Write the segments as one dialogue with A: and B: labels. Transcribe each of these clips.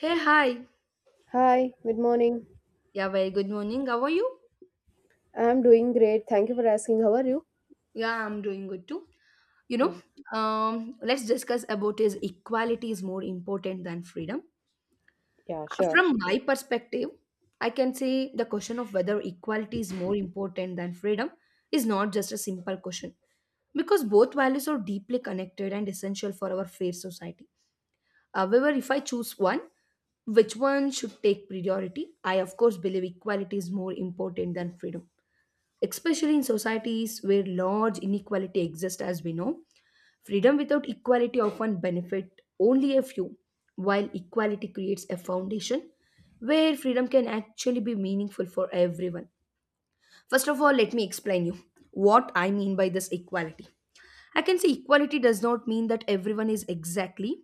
A: Hey, hi.
B: Hi, good morning.
A: Yeah, very good morning. How are you?
B: I'm doing great. Thank you for asking. How are you?
A: Yeah, I'm doing good too. You know,
B: Yeah,
A: let's discuss about is equality is more important than freedom.
B: yeah, Sure.
A: From my perspective, I can say the question of whether equality is more important than freedom is not just a simple question because both values are deeply connected and essential for our fair society. However, if I choose one, which one should take priority? I, of course, believe equality is more important than freedom, especially in societies where large inequality exists. As we know, freedom without equality often benefit only a few, while equality creates a foundation where freedom can actually be meaningful for everyone. First of all, let me explain you what I mean by this equality. I can say equality does not mean that everyone is exactly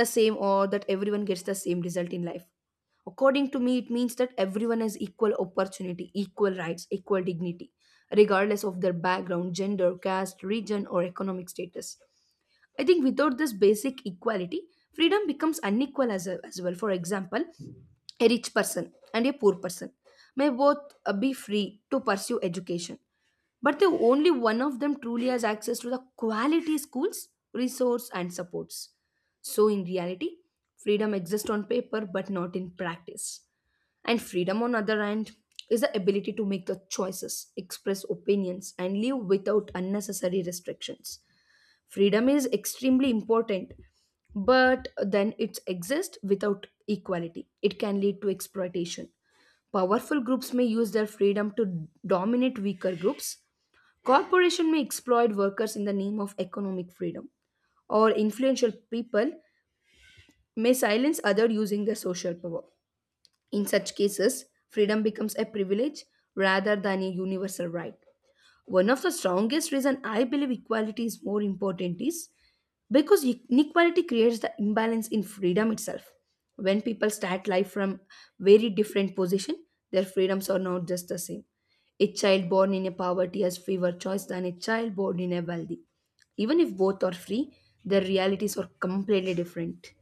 A: the same or that everyone gets the same result in life. According to me, it means that everyone has equal opportunity, equal rights, equal dignity, regardless of their background, gender, caste, region or economic status. I think without this basic equality, freedom becomes unequal as well. For example, a rich person and a poor person may both be free to pursue education, but the only one of them truly has access to the quality schools, resource, and supports. So, in reality, freedom exists on paper but not in practice. And freedom, on other hand, is the ability to make the choices, express opinions, and live without unnecessary restrictions. Freedom is extremely important, but then it exists without equality. It can lead to exploitation. Powerful groups may use their freedom to dominate weaker groups. Corporation may exploit workers in the name of economic freedom, or influential people may silence others using their social power. In such cases, freedom becomes a privilege rather than a universal right. One of the strongest reason I believe equality is more important is because inequality creates the imbalance in freedom itself. When people start life from very different position, their freedoms are not just the same. A child born in a poverty has fewer choice than a child born in a wealthy. Even if both are free, their realities are completely different.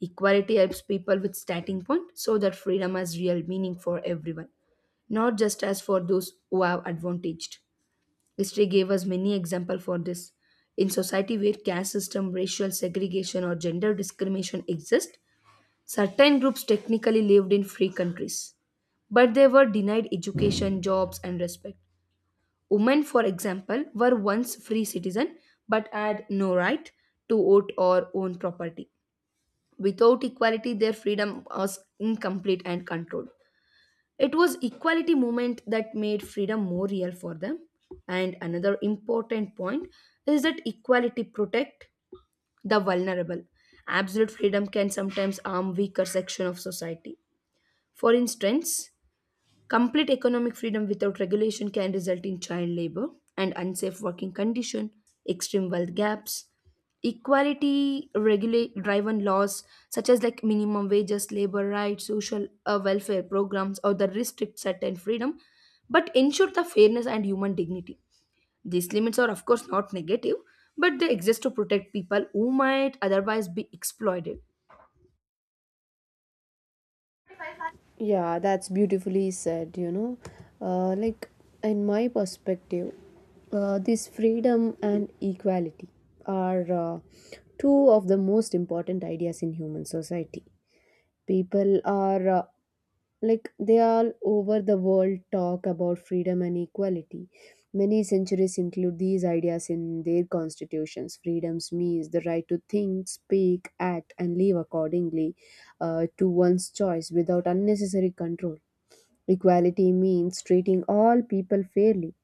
A: Equality helps people with starting point so that freedom has real meaning for everyone, not just as for those who have advantaged. History gave us many examples for this. In society where caste system, racial segregation, or gender discrimination exist, certain groups technically lived in free countries, but they were denied education, jobs, and respect. Women, for example, were once free citizen but had no right to vote or own property. Without equality, their freedom was incomplete and controlled. It was equality movement that made freedom more real for them. And another important point is that equality protect the vulnerable. Absolute freedom can sometimes harm weaker section of society. For instance, complete economic freedom without regulation can result in child labor and unsafe working condition, extreme wealth gaps, equality regulate driven laws such as like minimum wages, labor rights, social welfare programs or the restrict certain freedom but ensure the fairness and human dignity. These limits are of course not negative but they exist to protect people who might otherwise be exploited.
B: Yeah, that's beautifully said, you know. Uh, like, in my perspective, this freedom and equality are two of the most important ideas in human society. People are like they all over the world talk about freedom and equality. Many centuries include these ideas in their constitutions. Freedoms means the right to think, speak, act, and live accordingly to one's choice without unnecessary control. Equality means treating all people fairly,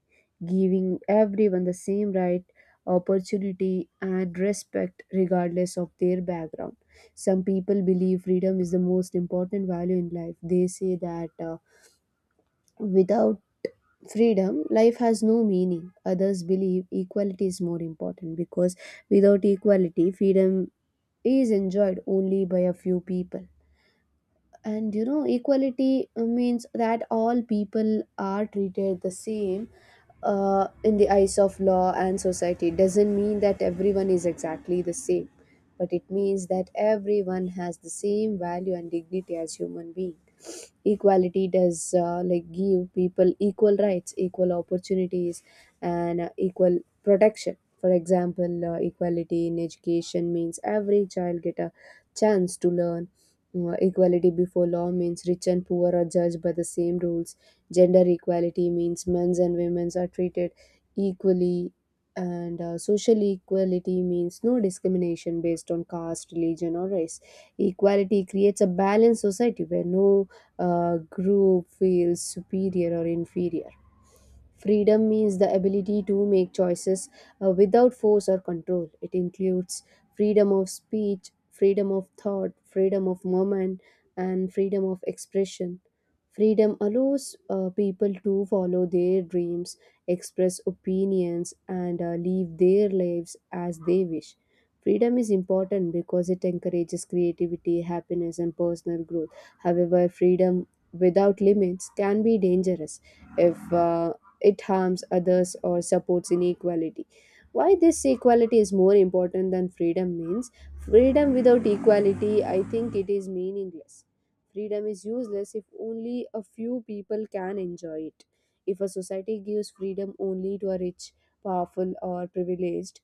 B: giving everyone the same right, opportunity, and respect regardless of their background. Some people believe freedom is the most important value in life. They say that without freedom, life has no meaning. Others believe equality is more important because without equality, freedom is enjoyed only by a few people. And you know, equality means that all people are treated the same in the eyes of law and society. It doesn't mean that everyone is exactly the same, but it means that everyone has the same value and dignity as human beings. Equality does like give people equal rights, equal opportunities, and equal protection. For example, equality in education means every child get a chance to learn. Equality before law means rich and poor are judged by the same rules. Gender equality means men's and women's are treated equally, and social equality means no discrimination based on caste, religion, or race. Equality creates a balanced society where no group feels superior or inferior. Freedom means the ability to make choices without force or control. It includes freedom of speech, freedom of thought, freedom of movement, and freedom of expression. Freedom allows people to follow their dreams, express opinions, and live their lives as they wish. Freedom is important because it encourages creativity, happiness, and personal growth. However, freedom without limits can be dangerous if it harms others or supports inequality. Why this equality is more important than freedom means freedom without equality, I think it is meaningless. Freedom is useless if only a few people can enjoy it. If a society gives freedom only to a rich, powerful, or privileged,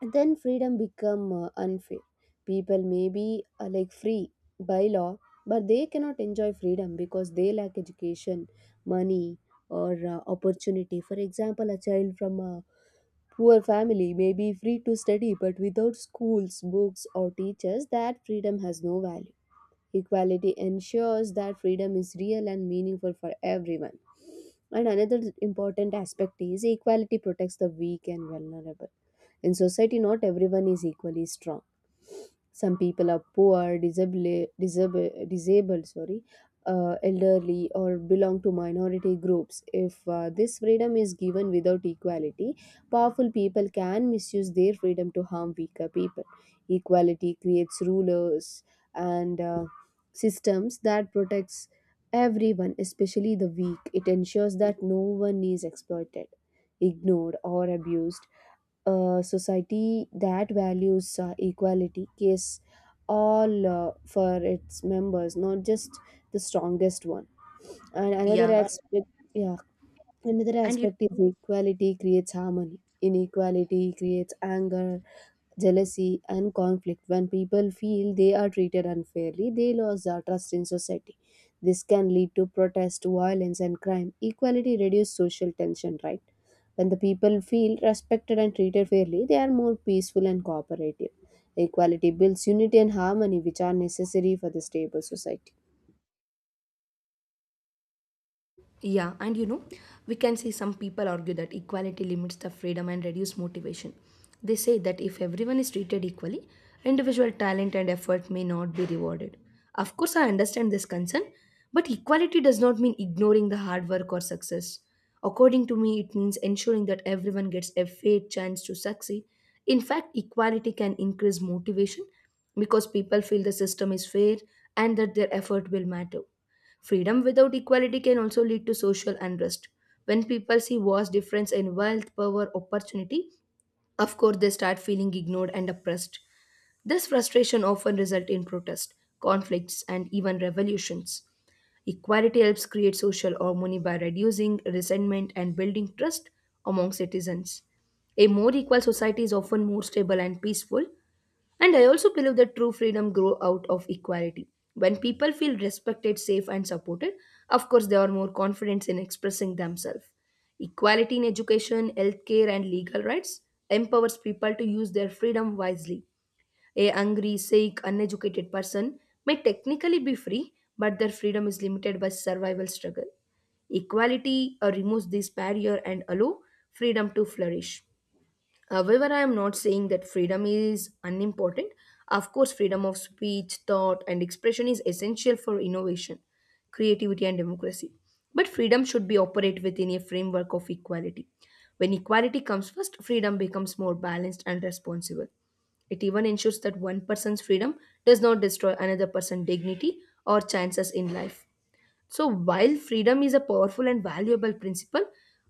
B: then freedom become unfair. People may be like free by law, but they cannot enjoy freedom because they lack education, money, or opportunity. For example, a child from a poor family may be free to study, but without schools, books, or teachers, that freedom has no value. Equality ensures that freedom is real and meaningful for everyone. And another important aspect is equality protects the weak and vulnerable in society. Not everyone is equally strong. Some people are poor, disabled, elderly, or belong to minority groups. If this freedom is given without equality, powerful people can misuse their freedom to harm weaker people. Equality creates rulers and systems that protects everyone, especially the weak. It ensures that no one is exploited, ignored, or abused. A society that values equality gives all for its members, not just the strongest one. And another
A: Yeah.
B: aspect, yeah, another
A: And
B: aspect is equality creates harmony. Inequality creates anger, jealousy, and conflict. When people feel they are treated unfairly, they lose their trust in society. This can lead to protest, violence, and crime. Equality reduces social tension, right? When the people feel respected and treated fairly, they are more peaceful and cooperative. Equality builds unity and harmony, which are necessary for the stable society.
A: Yeah, and we can see some people argue that equality limits the freedom and reduce motivation. They say that if everyone is treated equally, individual talent and effort may not be rewarded. Of course, I understand this concern, but equality does not mean ignoring the hard work or success. According to me, it means ensuring that everyone gets a fair chance to succeed. In fact, equality can increase motivation because people feel the system is fair and that their effort will matter. Freedom without equality can also lead to social unrest. When people see vast difference in wealth, power, opportunity, of course they start feeling ignored and oppressed. This frustration often results in protest, conflicts, and even revolutions. Equality helps create social harmony by reducing resentment and building trust among citizens. A more equal society is often more stable and peaceful, and I also believe that true freedom grow out of equality. When people feel respected, safe and supported, of course they are more confident in expressing themselves. Equality in education, healthcare and legal rights empowers people to use their freedom wisely. A hungry, sick, uneducated person may technically be free, but their freedom is limited by survival struggle. Equality removes this barrier and allow freedom to flourish. However, I am not saying that freedom is unimportant. Of course, freedom of speech, thought, and expression is essential for innovation, creativity, and democracy. But freedom should be operate within a framework of equality. When equality comes first, freedom becomes more balanced and responsible. It even ensures that one person's freedom does not destroy another person's dignity or chances in life. So, while freedom is a powerful and valuable principle,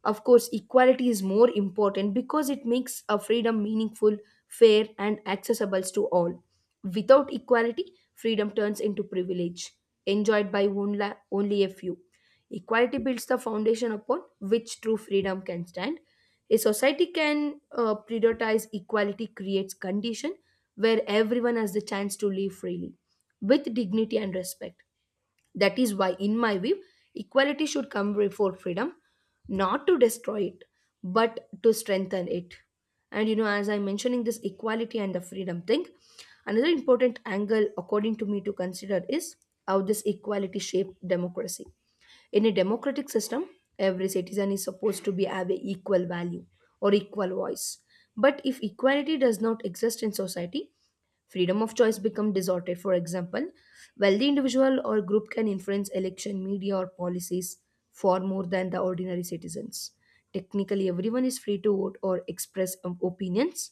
A: of course, equality is more important because it makes a freedom meaningful, fair, and accessible to all. Without equality, freedom turns into privilege, enjoyed by only a few. Equality builds the foundation upon which true freedom can stand. A society can prioritize equality creates condition where everyone has the chance to live freely with dignity and respect. That is why, in my view, equality should come before freedom, not to destroy it, but to strengthen it. And as I'm mentioning this equality and the freedom thing, another important angle, according to me, to consider is how this equality shaped democracy. In a democratic system, every citizen is supposed to be have a equal value or equal voice. But if equality does not exist in society, freedom of choice become distorted. For example, wealthy individual or group can influence election, media, or policies far more than the ordinary citizens. Technically, everyone is free to vote or express opinions,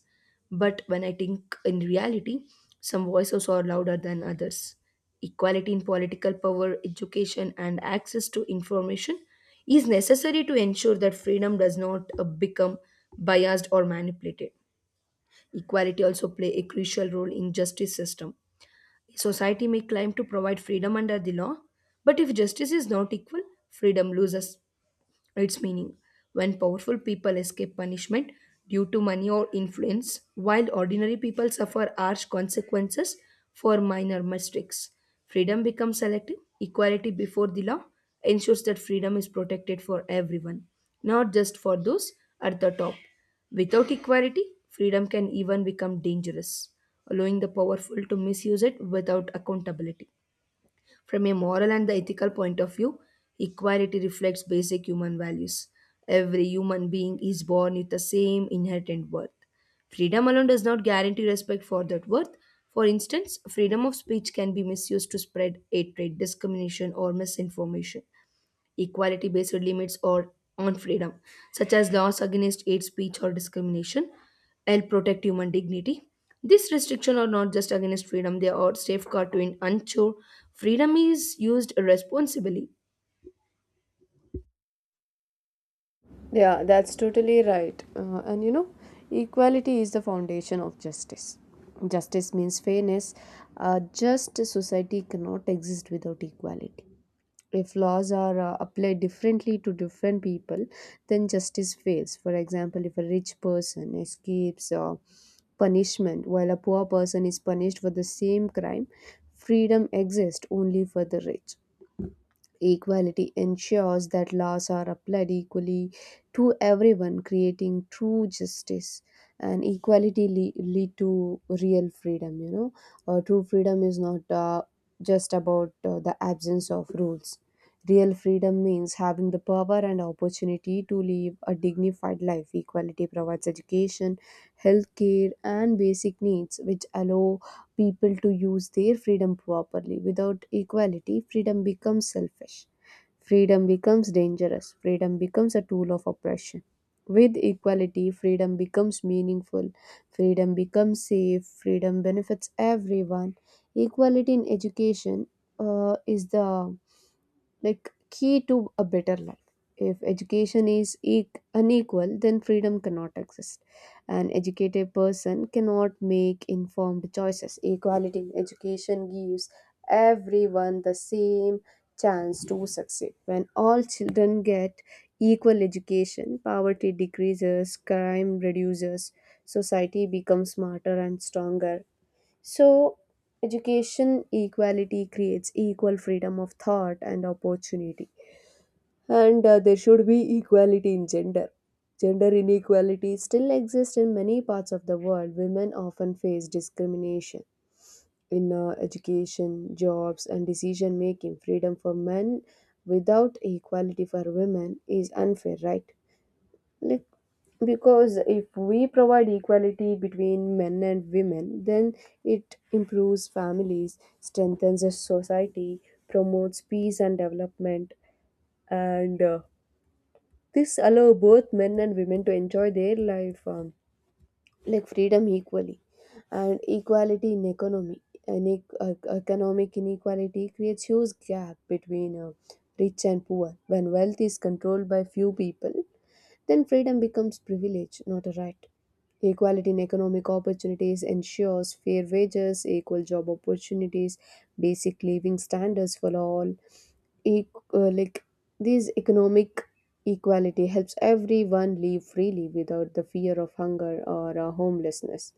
A: but when I think in reality, some voices are louder than others. Equality in political power, education, and access to information is necessary to ensure that freedom does not become biased or manipulated. Equality also play a crucial role in justice system. Society may claim to provide freedom under the law, but if justice is not equal, freedom loses its meaning. When powerful people escape punishment due to money or influence, while ordinary people suffer harsh consequences for minor mistakes. Freedom becomes selective. Equality before the law ensures that freedom is protected for everyone, not just for those at the top. Without equality, freedom can even become dangerous, allowing the powerful to misuse it without accountability. From a moral and the ethical point of view, equality reflects basic human values. Every human being is born with the same inherent worth. Freedom alone does not guarantee respect for that worth. For instance, freedom of speech can be misused to spread hatred, discrimination, or misinformation. Equality based limits or on freedom, such as laws against hate speech or discrimination. L. Protect human dignity. These restrictions are not just against freedom, they are safeguard to an unsure freedom is used responsibly.
B: Yeah, that's totally right. And you know, equality is the foundation of justice. Justice means fairness. A just society cannot exist without equality. If laws are applied differently to different people, then justice fails. For example, if a rich person escapes punishment while a poor person is punished for the same crime, freedom exists only for the rich. Equality ensures that laws are applied equally to everyone, creating true justice. And equality lead to real freedom. You know, true freedom is not just about the absence of rules. Real freedom means having the power and opportunity to live a dignified life. Equality provides education, healthcare, and basic needs, which allow people to use their freedom properly. Without equality, freedom becomes selfish. Freedom becomes dangerous. Freedom becomes a tool of oppression. With equality, freedom becomes meaningful. Freedom becomes safe. Freedom benefits everyone. Equality in education is the key to a better life. If education is unequal, then freedom cannot exist. An educated person cannot make informed choices. Equality in education gives everyone the same chance to succeed. When all children get equal education, poverty decreases, crime reduces, society becomes smarter and stronger. So, education equality creates equal freedom of thought and opportunity. And there should be equality in gender. Gender inequality still exists in many parts of the world. Women often face discrimination in education, jobs, and decision making. Freedom for men without equality for women is unfair, right? Like, because if we provide equality between men and women, then it improves families, strengthens the society, promotes peace and development, and this allow both men and women to enjoy their life like freedom equally. And equality in economy. And economic inequality creates huge gap between rich and poor. When wealth is controlled by few people, then freedom becomes privilege, not a right. Equality in economic opportunities ensures fair wages, equal job opportunities, basic living standards for all. E- like this economic equality helps everyone live freely without the fear of hunger or homelessness.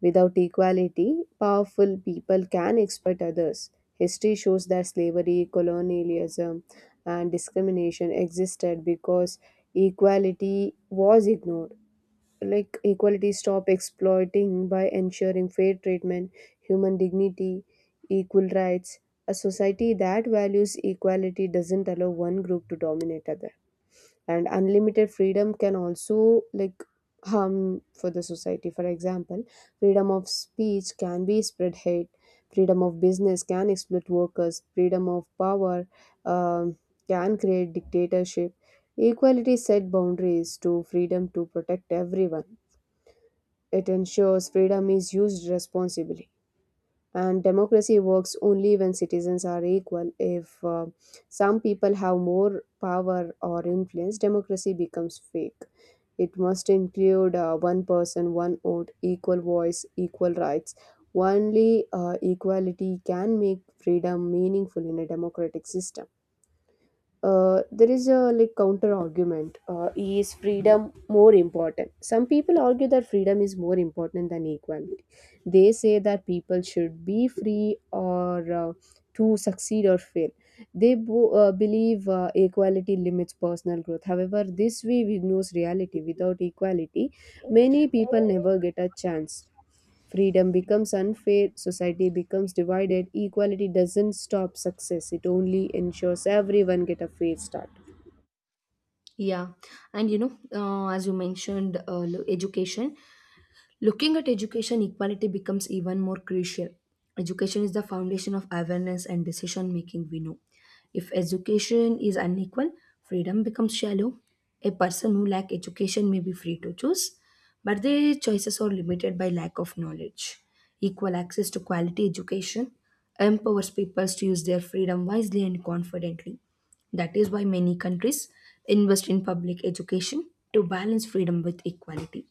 B: Without equality, powerful people can exploit others. History shows that slavery, colonialism, and discrimination existed because equality was ignored. Like, equality stopped exploiting by ensuring fair treatment, human dignity, equal rights. A society that values equality doesn't allow one group to dominate others. And unlimited freedom can also like harm for the society. For example, freedom of speech can be spread hate, freedom of business can exploit workers, freedom of power um, can create dictatorship. Equality set boundaries to freedom to protect everyone. It ensures freedom is used responsibly. And democracy works only when citizens are equal. If some people have more power or influence, democracy becomes fake. It must include one person, one vote, equal voice, equal rights. Only equality can make freedom meaningful in a democratic system. There is a like counter argument, is freedom more important. Some people argue that freedom is more important than equality. They say that people should be free or to succeed or fail. They believe equality limits personal growth. However, this view ignores reality. Without equality, many people never get a chance. Freedom becomes unfair, society becomes divided, equality doesn't stop success, it only ensures everyone get a fair start.
A: Yeah, and as you mentioned, education. Looking at education, equality becomes even more crucial. Education is the foundation of awareness and decision making, we know. If education is unequal, freedom becomes shallow. A person who lacks education may be free to choose, but their choices are limited by lack of knowledge. Equal access to quality education empowers peoples to use their freedom wisely and confidently. That is why many countries invest in public education to balance freedom with equality.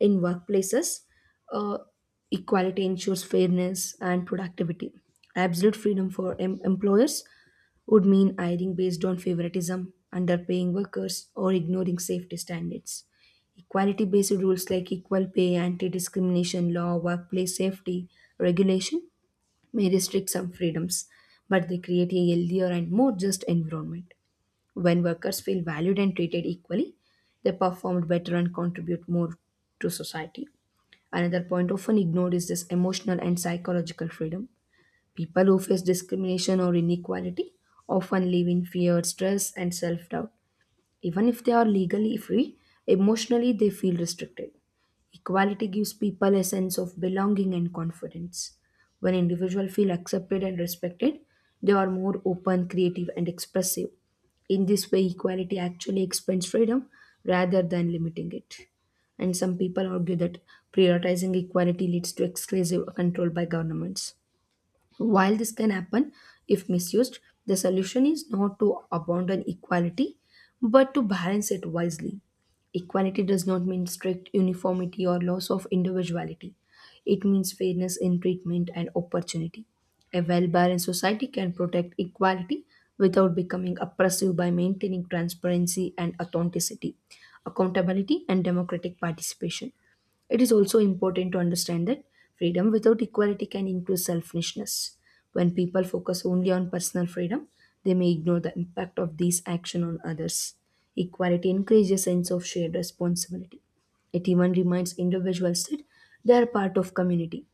A: In workplaces, uh, equality ensures fairness and productivity. Absolute freedom for employers would mean hiring based on favoritism, underpaying workers, or ignoring safety standards. Equality based rules like equal pay, anti discrimination law, workplace safety regulation may restrict some freedoms, but they create a healthier and more just environment. When workers feel valued and treated equally, they perform better and contribute more to society. Another point often ignored is this emotional and psychological freedom. People who face discrimination or inequality often live in fear, stress, and self doubt. Even if they are legally free, emotionally they feel restricted. Equality gives people a sense of belonging and confidence. When individuals feel accepted and respected, they are more open, creative, and expressive. In this way, equality actually expands freedom rather than limiting it. And some people argue that prioritizing equality leads to exclusive control by governments. While this can happen if misused, the solution is not to abandon equality but to balance it wisely. Equality does not mean strict uniformity or loss of individuality. It means fairness in treatment and opportunity. A well balanced society can protect equality without becoming oppressive by maintaining transparency and authenticity, accountability, and democratic participation. It is also important to understand that freedom without equality can increase selfishness. When people focus only on personal freedom, they may ignore the impact of these action on others. Equality encourages a sense of shared responsibility. It even reminds individuals that they are part of community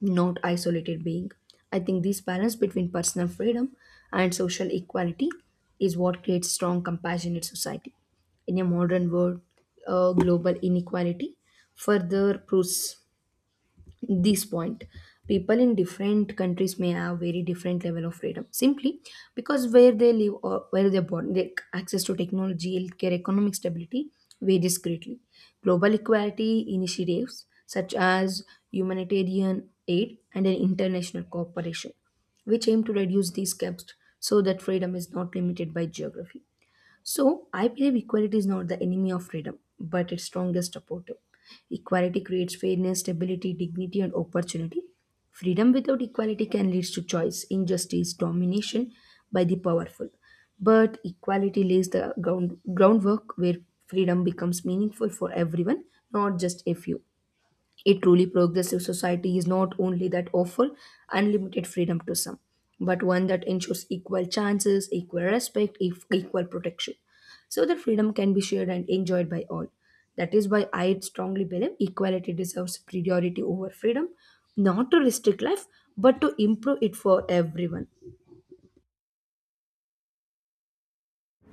A: not isolated being. I think this balance between personal freedom and social equality is what creates strong, compassionate society. In a modern world, global inequality further proves this point. People in different countries may have very different level of freedom simply because where they live or where they're born. Their access to technology, healthcare, economic stability varies greatly. Global equality initiatives such as humanitarian aid and an international cooperation which aim to reduce these gaps so that freedom is not limited by geography. So, I believe equality is not the enemy of freedom, but its strongest supporter. Equality creates fairness, stability, dignity, and opportunity. Freedom without equality can lead to choice, injustice, domination by the powerful. But equality lays the groundwork where freedom becomes meaningful for everyone, not just a few. A truly progressive society is not only that offer unlimited freedom to some, but one that ensures equal chances, equal respect, equal protection. So that freedom can be shared and enjoyed by all. That is why I strongly believe equality deserves priority over freedom, not to restrict life, but to improve it for everyone.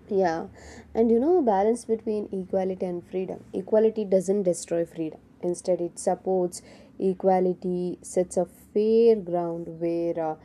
B: Yeah, and you know, balance between equality and freedom. Equality doesn't destroy freedom. Instead, it supports equality, sets a fair ground where uh,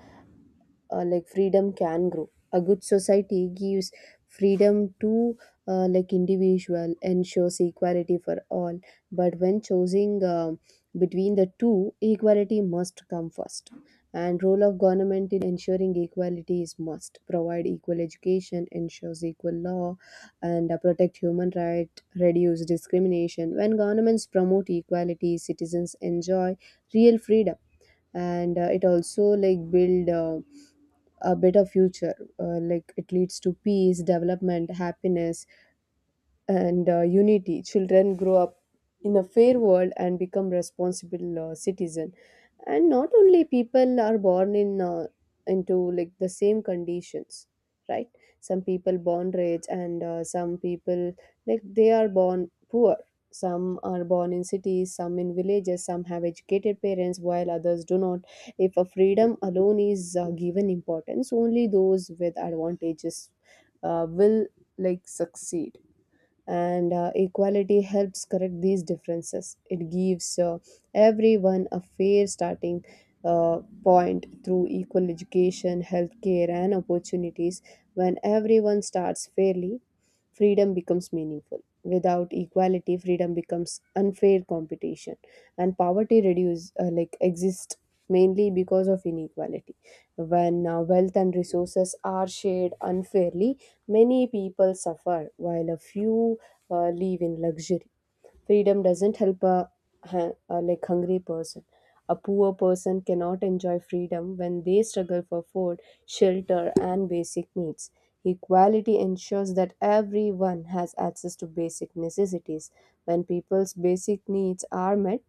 B: uh, like freedom can grow. A good society gives freedom to individual, ensures equality for all, but when choosing between the two, equality must come first. And role of government in ensuring equality is must provide equal education, ensures equal law, and protect human right, reduce discrimination. When governments promote equality, citizens enjoy real freedom. And it also like build a better future. Like it leads to peace, development, happiness, and unity. Children grow up in a fair world and become responsible citizen. And not only people are born in into like the same conditions, right? Some people born rich and some people like they are born poor. Some are born in cities, some in villages, some have educated parents, while others do not. If a freedom alone is given importance, only those with advantages will like succeed. And equality helps correct these differences. It gives everyone a fair starting point through equal education, healthcare, and opportunities. When everyone starts fairly, freedom becomes meaningful. Without equality, freedom becomes unfair competition. And poverty reduce like exists mainly because of inequality. When wealth and resources are shared unfairly, many people suffer while a few live in luxury. Freedom doesn't help a like hungry person. A poor person cannot enjoy freedom when they struggle for food, shelter, and basic needs. Equality ensures that everyone has access to basic necessities. When people's basic needs are met,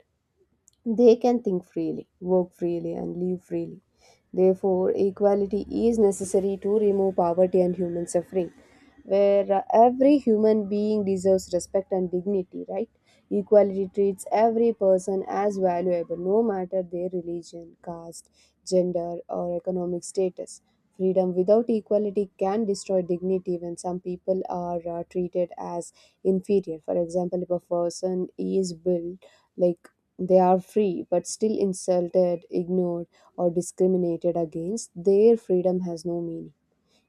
B: they can think freely, work freely, and live freely. Therefore, equality is necessary to remove poverty and human suffering, where every human being deserves respect and dignity, right? Equality treats every person as valuable, no matter their religion, caste, gender, or economic status. Freedom without equality can destroy dignity when some people are treated as inferior. For example, if a person is built like they are free, but still insulted, ignored, or discriminated against. Their freedom has no meaning.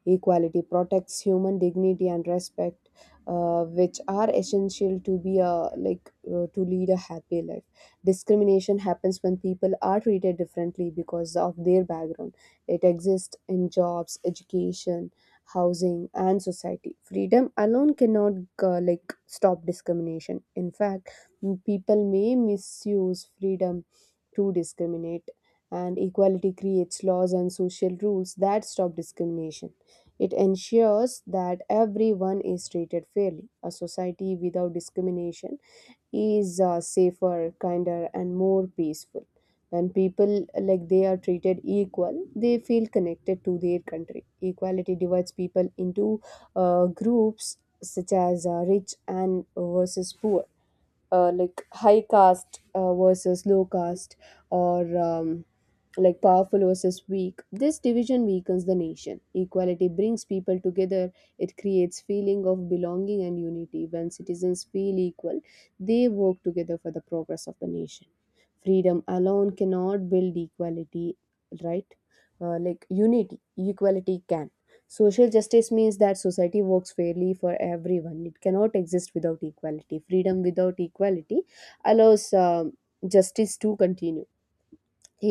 B: Equality protects human dignity and respect, which are essential to be a like to lead a happy life. Discrimination happens when people are treated differently because of their background. It exists in jobs, education, housing, and society. Freedom alone cannot stop discrimination. In fact, people may misuse freedom to discriminate. And equality creates laws and social rules that stop discrimination. It ensures that everyone is treated fairly. A society without discrimination is safer, kinder, and more peaceful. When people they are treated equal, they feel connected to their country. Equality divides people into groups such as rich and versus poor, like high caste versus low caste, or like powerful versus weak. This division weakens the nation. Equality brings people together. It creates feeling of belonging and unity. When citizens feel equal, they work together for the progress of the nation. Freedom alone cannot build equality, right? Like unity, equality can. Social justice means that society works fairly for everyone. It cannot exist without equality. Freedom without equality allows justice to continue.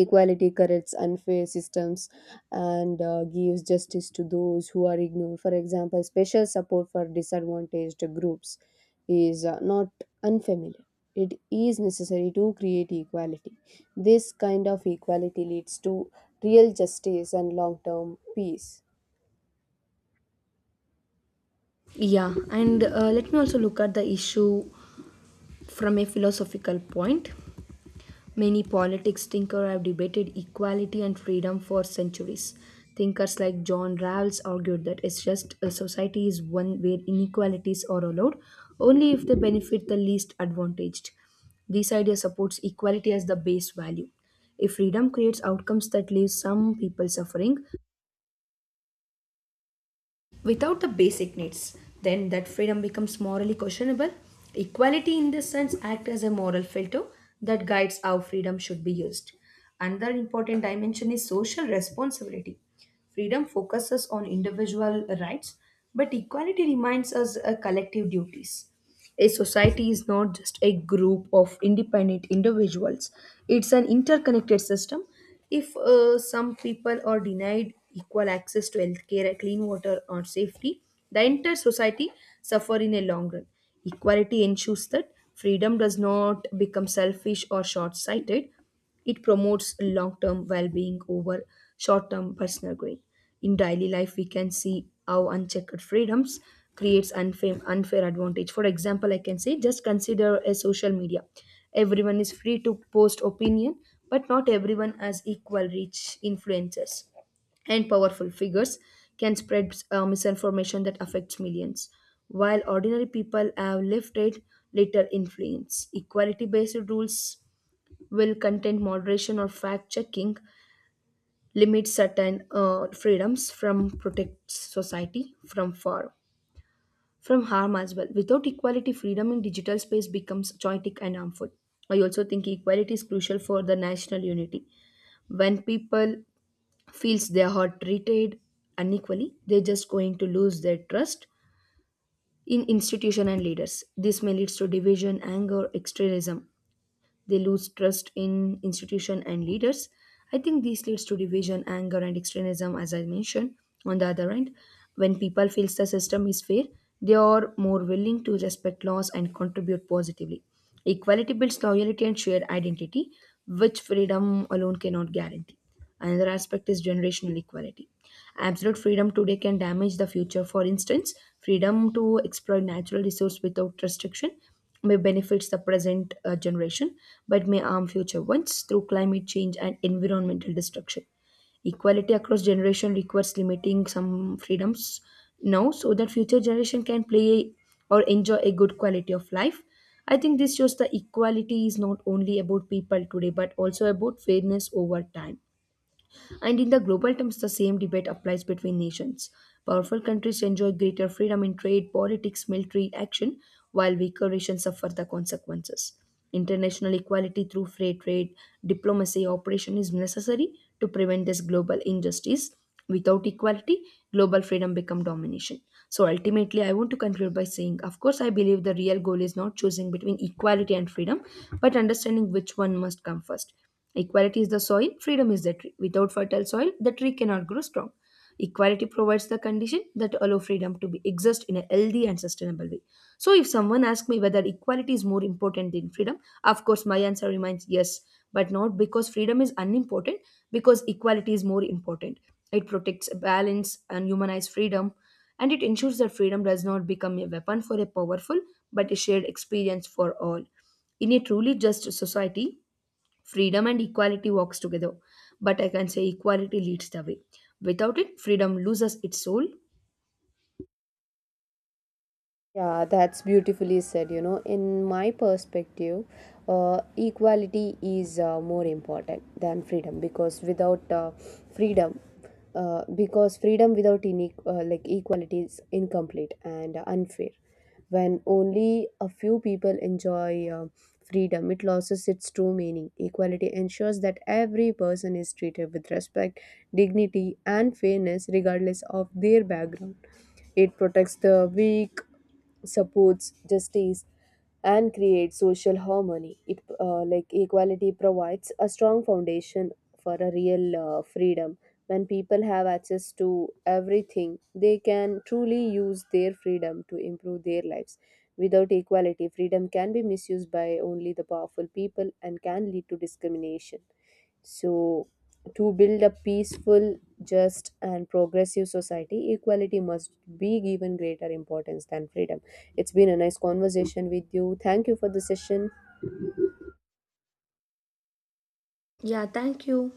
B: Equality corrects unfair systems and gives justice to those who are ignored. For example, special support for disadvantaged groups is not unfamiliar. It is necessary to create equality. This kind of equality leads to real justice and long term peace.
A: Yeah, and let me also look at the issue from a philosophical point. Many politics thinkers have debated equality and freedom for centuries. Thinkers like John Rawls argued that it's just a society is one where inequalities are allowed only if they benefit the least advantaged. This idea supports equality as the base value. If freedom creates outcomes that leave some people suffering, without the basic needs, then that freedom becomes morally questionable. Equality in this sense acts as a moral filter that guides how freedom should be used. Another important dimension is social responsibility. Freedom focuses on individual rights, but equality reminds us of collective duties. A society is not just a group of independent individuals, it's an interconnected system. If some people are denied equal access to healthcare, clean water, or safety, the entire society suffer in a long run. Equality ensures that freedom does not become selfish or short sighted. It promotes long term well being over short term personal gain. In daily life, we can see how unchecked freedoms creates unfair advantage. For example, I can say just consider a social media. Everyone is free to post opinion, but not everyone has equal reach. Influencers and powerful figures can spread misinformation that affects millions, while ordinary people have limited little influence. Equality based rules will contain moderation or fact checking, limit certain freedoms from protects society from harm as well. Without equality, freedom in digital space becomes chaotic and harmful. I also think equality is crucial for the national unity. When people feels they are treated unequally, they're just going to lose their trust in institution and leaders. This may lead to division, anger, extremism. They lose trust in institution and leaders. I think this leads to division, anger, and extremism, as I mentioned. On the other hand, when people feel the system is fair, they are more willing to respect laws and contribute positively. Equality builds loyalty and shared identity, which freedom alone cannot guarantee. Another aspect is generational equality. Absolute freedom today can damage the future. For instance, freedom to exploit natural resources without restriction may benefit the present generation but may harm future ones through climate change and environmental destruction. Equality across generation requires limiting some freedoms now so that future generation can play or enjoy a good quality of life. I think this shows the equality is not only about people today but also about fairness over time. And in the global terms, the same debate applies between nations. Powerful countries enjoy greater freedom in trade, politics, military action, while weaker nations suffer the consequences. International equality through free trade, diplomacy, operation is necessary to prevent this global injustice. Without equality, global freedom become domination. So ultimately, I want to conclude by saying, of course, I believe the real goal is not choosing between equality and freedom, but understanding which one must come first. Equality is the soil, freedom is the tree. Without fertile soil, the tree cannot grow strong. Equality provides the condition that allow freedom to be exist in a healthy and sustainable way. So if someone asks me whether equality is more important than freedom, of course my answer remains yes, but not because freedom is unimportant, because equality is more important. It protects balance and humanized freedom, and it ensures that freedom does not become a weapon for a powerful, but a shared experience for all. In a truly just society, freedom and equality walks together, but I can say equality leads the way. Without it, freedom loses its soul.
B: Yeah, that's beautifully said. You know, in my perspective, equality is more important than freedom because without freedom, because freedom without equality is incomplete and unfair. When only a few people enjoy freedom, it loses its true meaning. Equality ensures that every person is treated with respect, dignity, and fairness, regardless of their background. It protects the weak, supports justice, and creates social harmony. It equality provides a strong foundation for a real freedom. When people have access to everything, they can truly use their freedom to improve their lives. Without equality, freedom can be misused by only the powerful people and can lead to discrimination. So, to build a peaceful, just, and progressive society, equality must be given greater importance than freedom. It's been a nice conversation with you. Thank you for the session.
A: Yeah, thank you.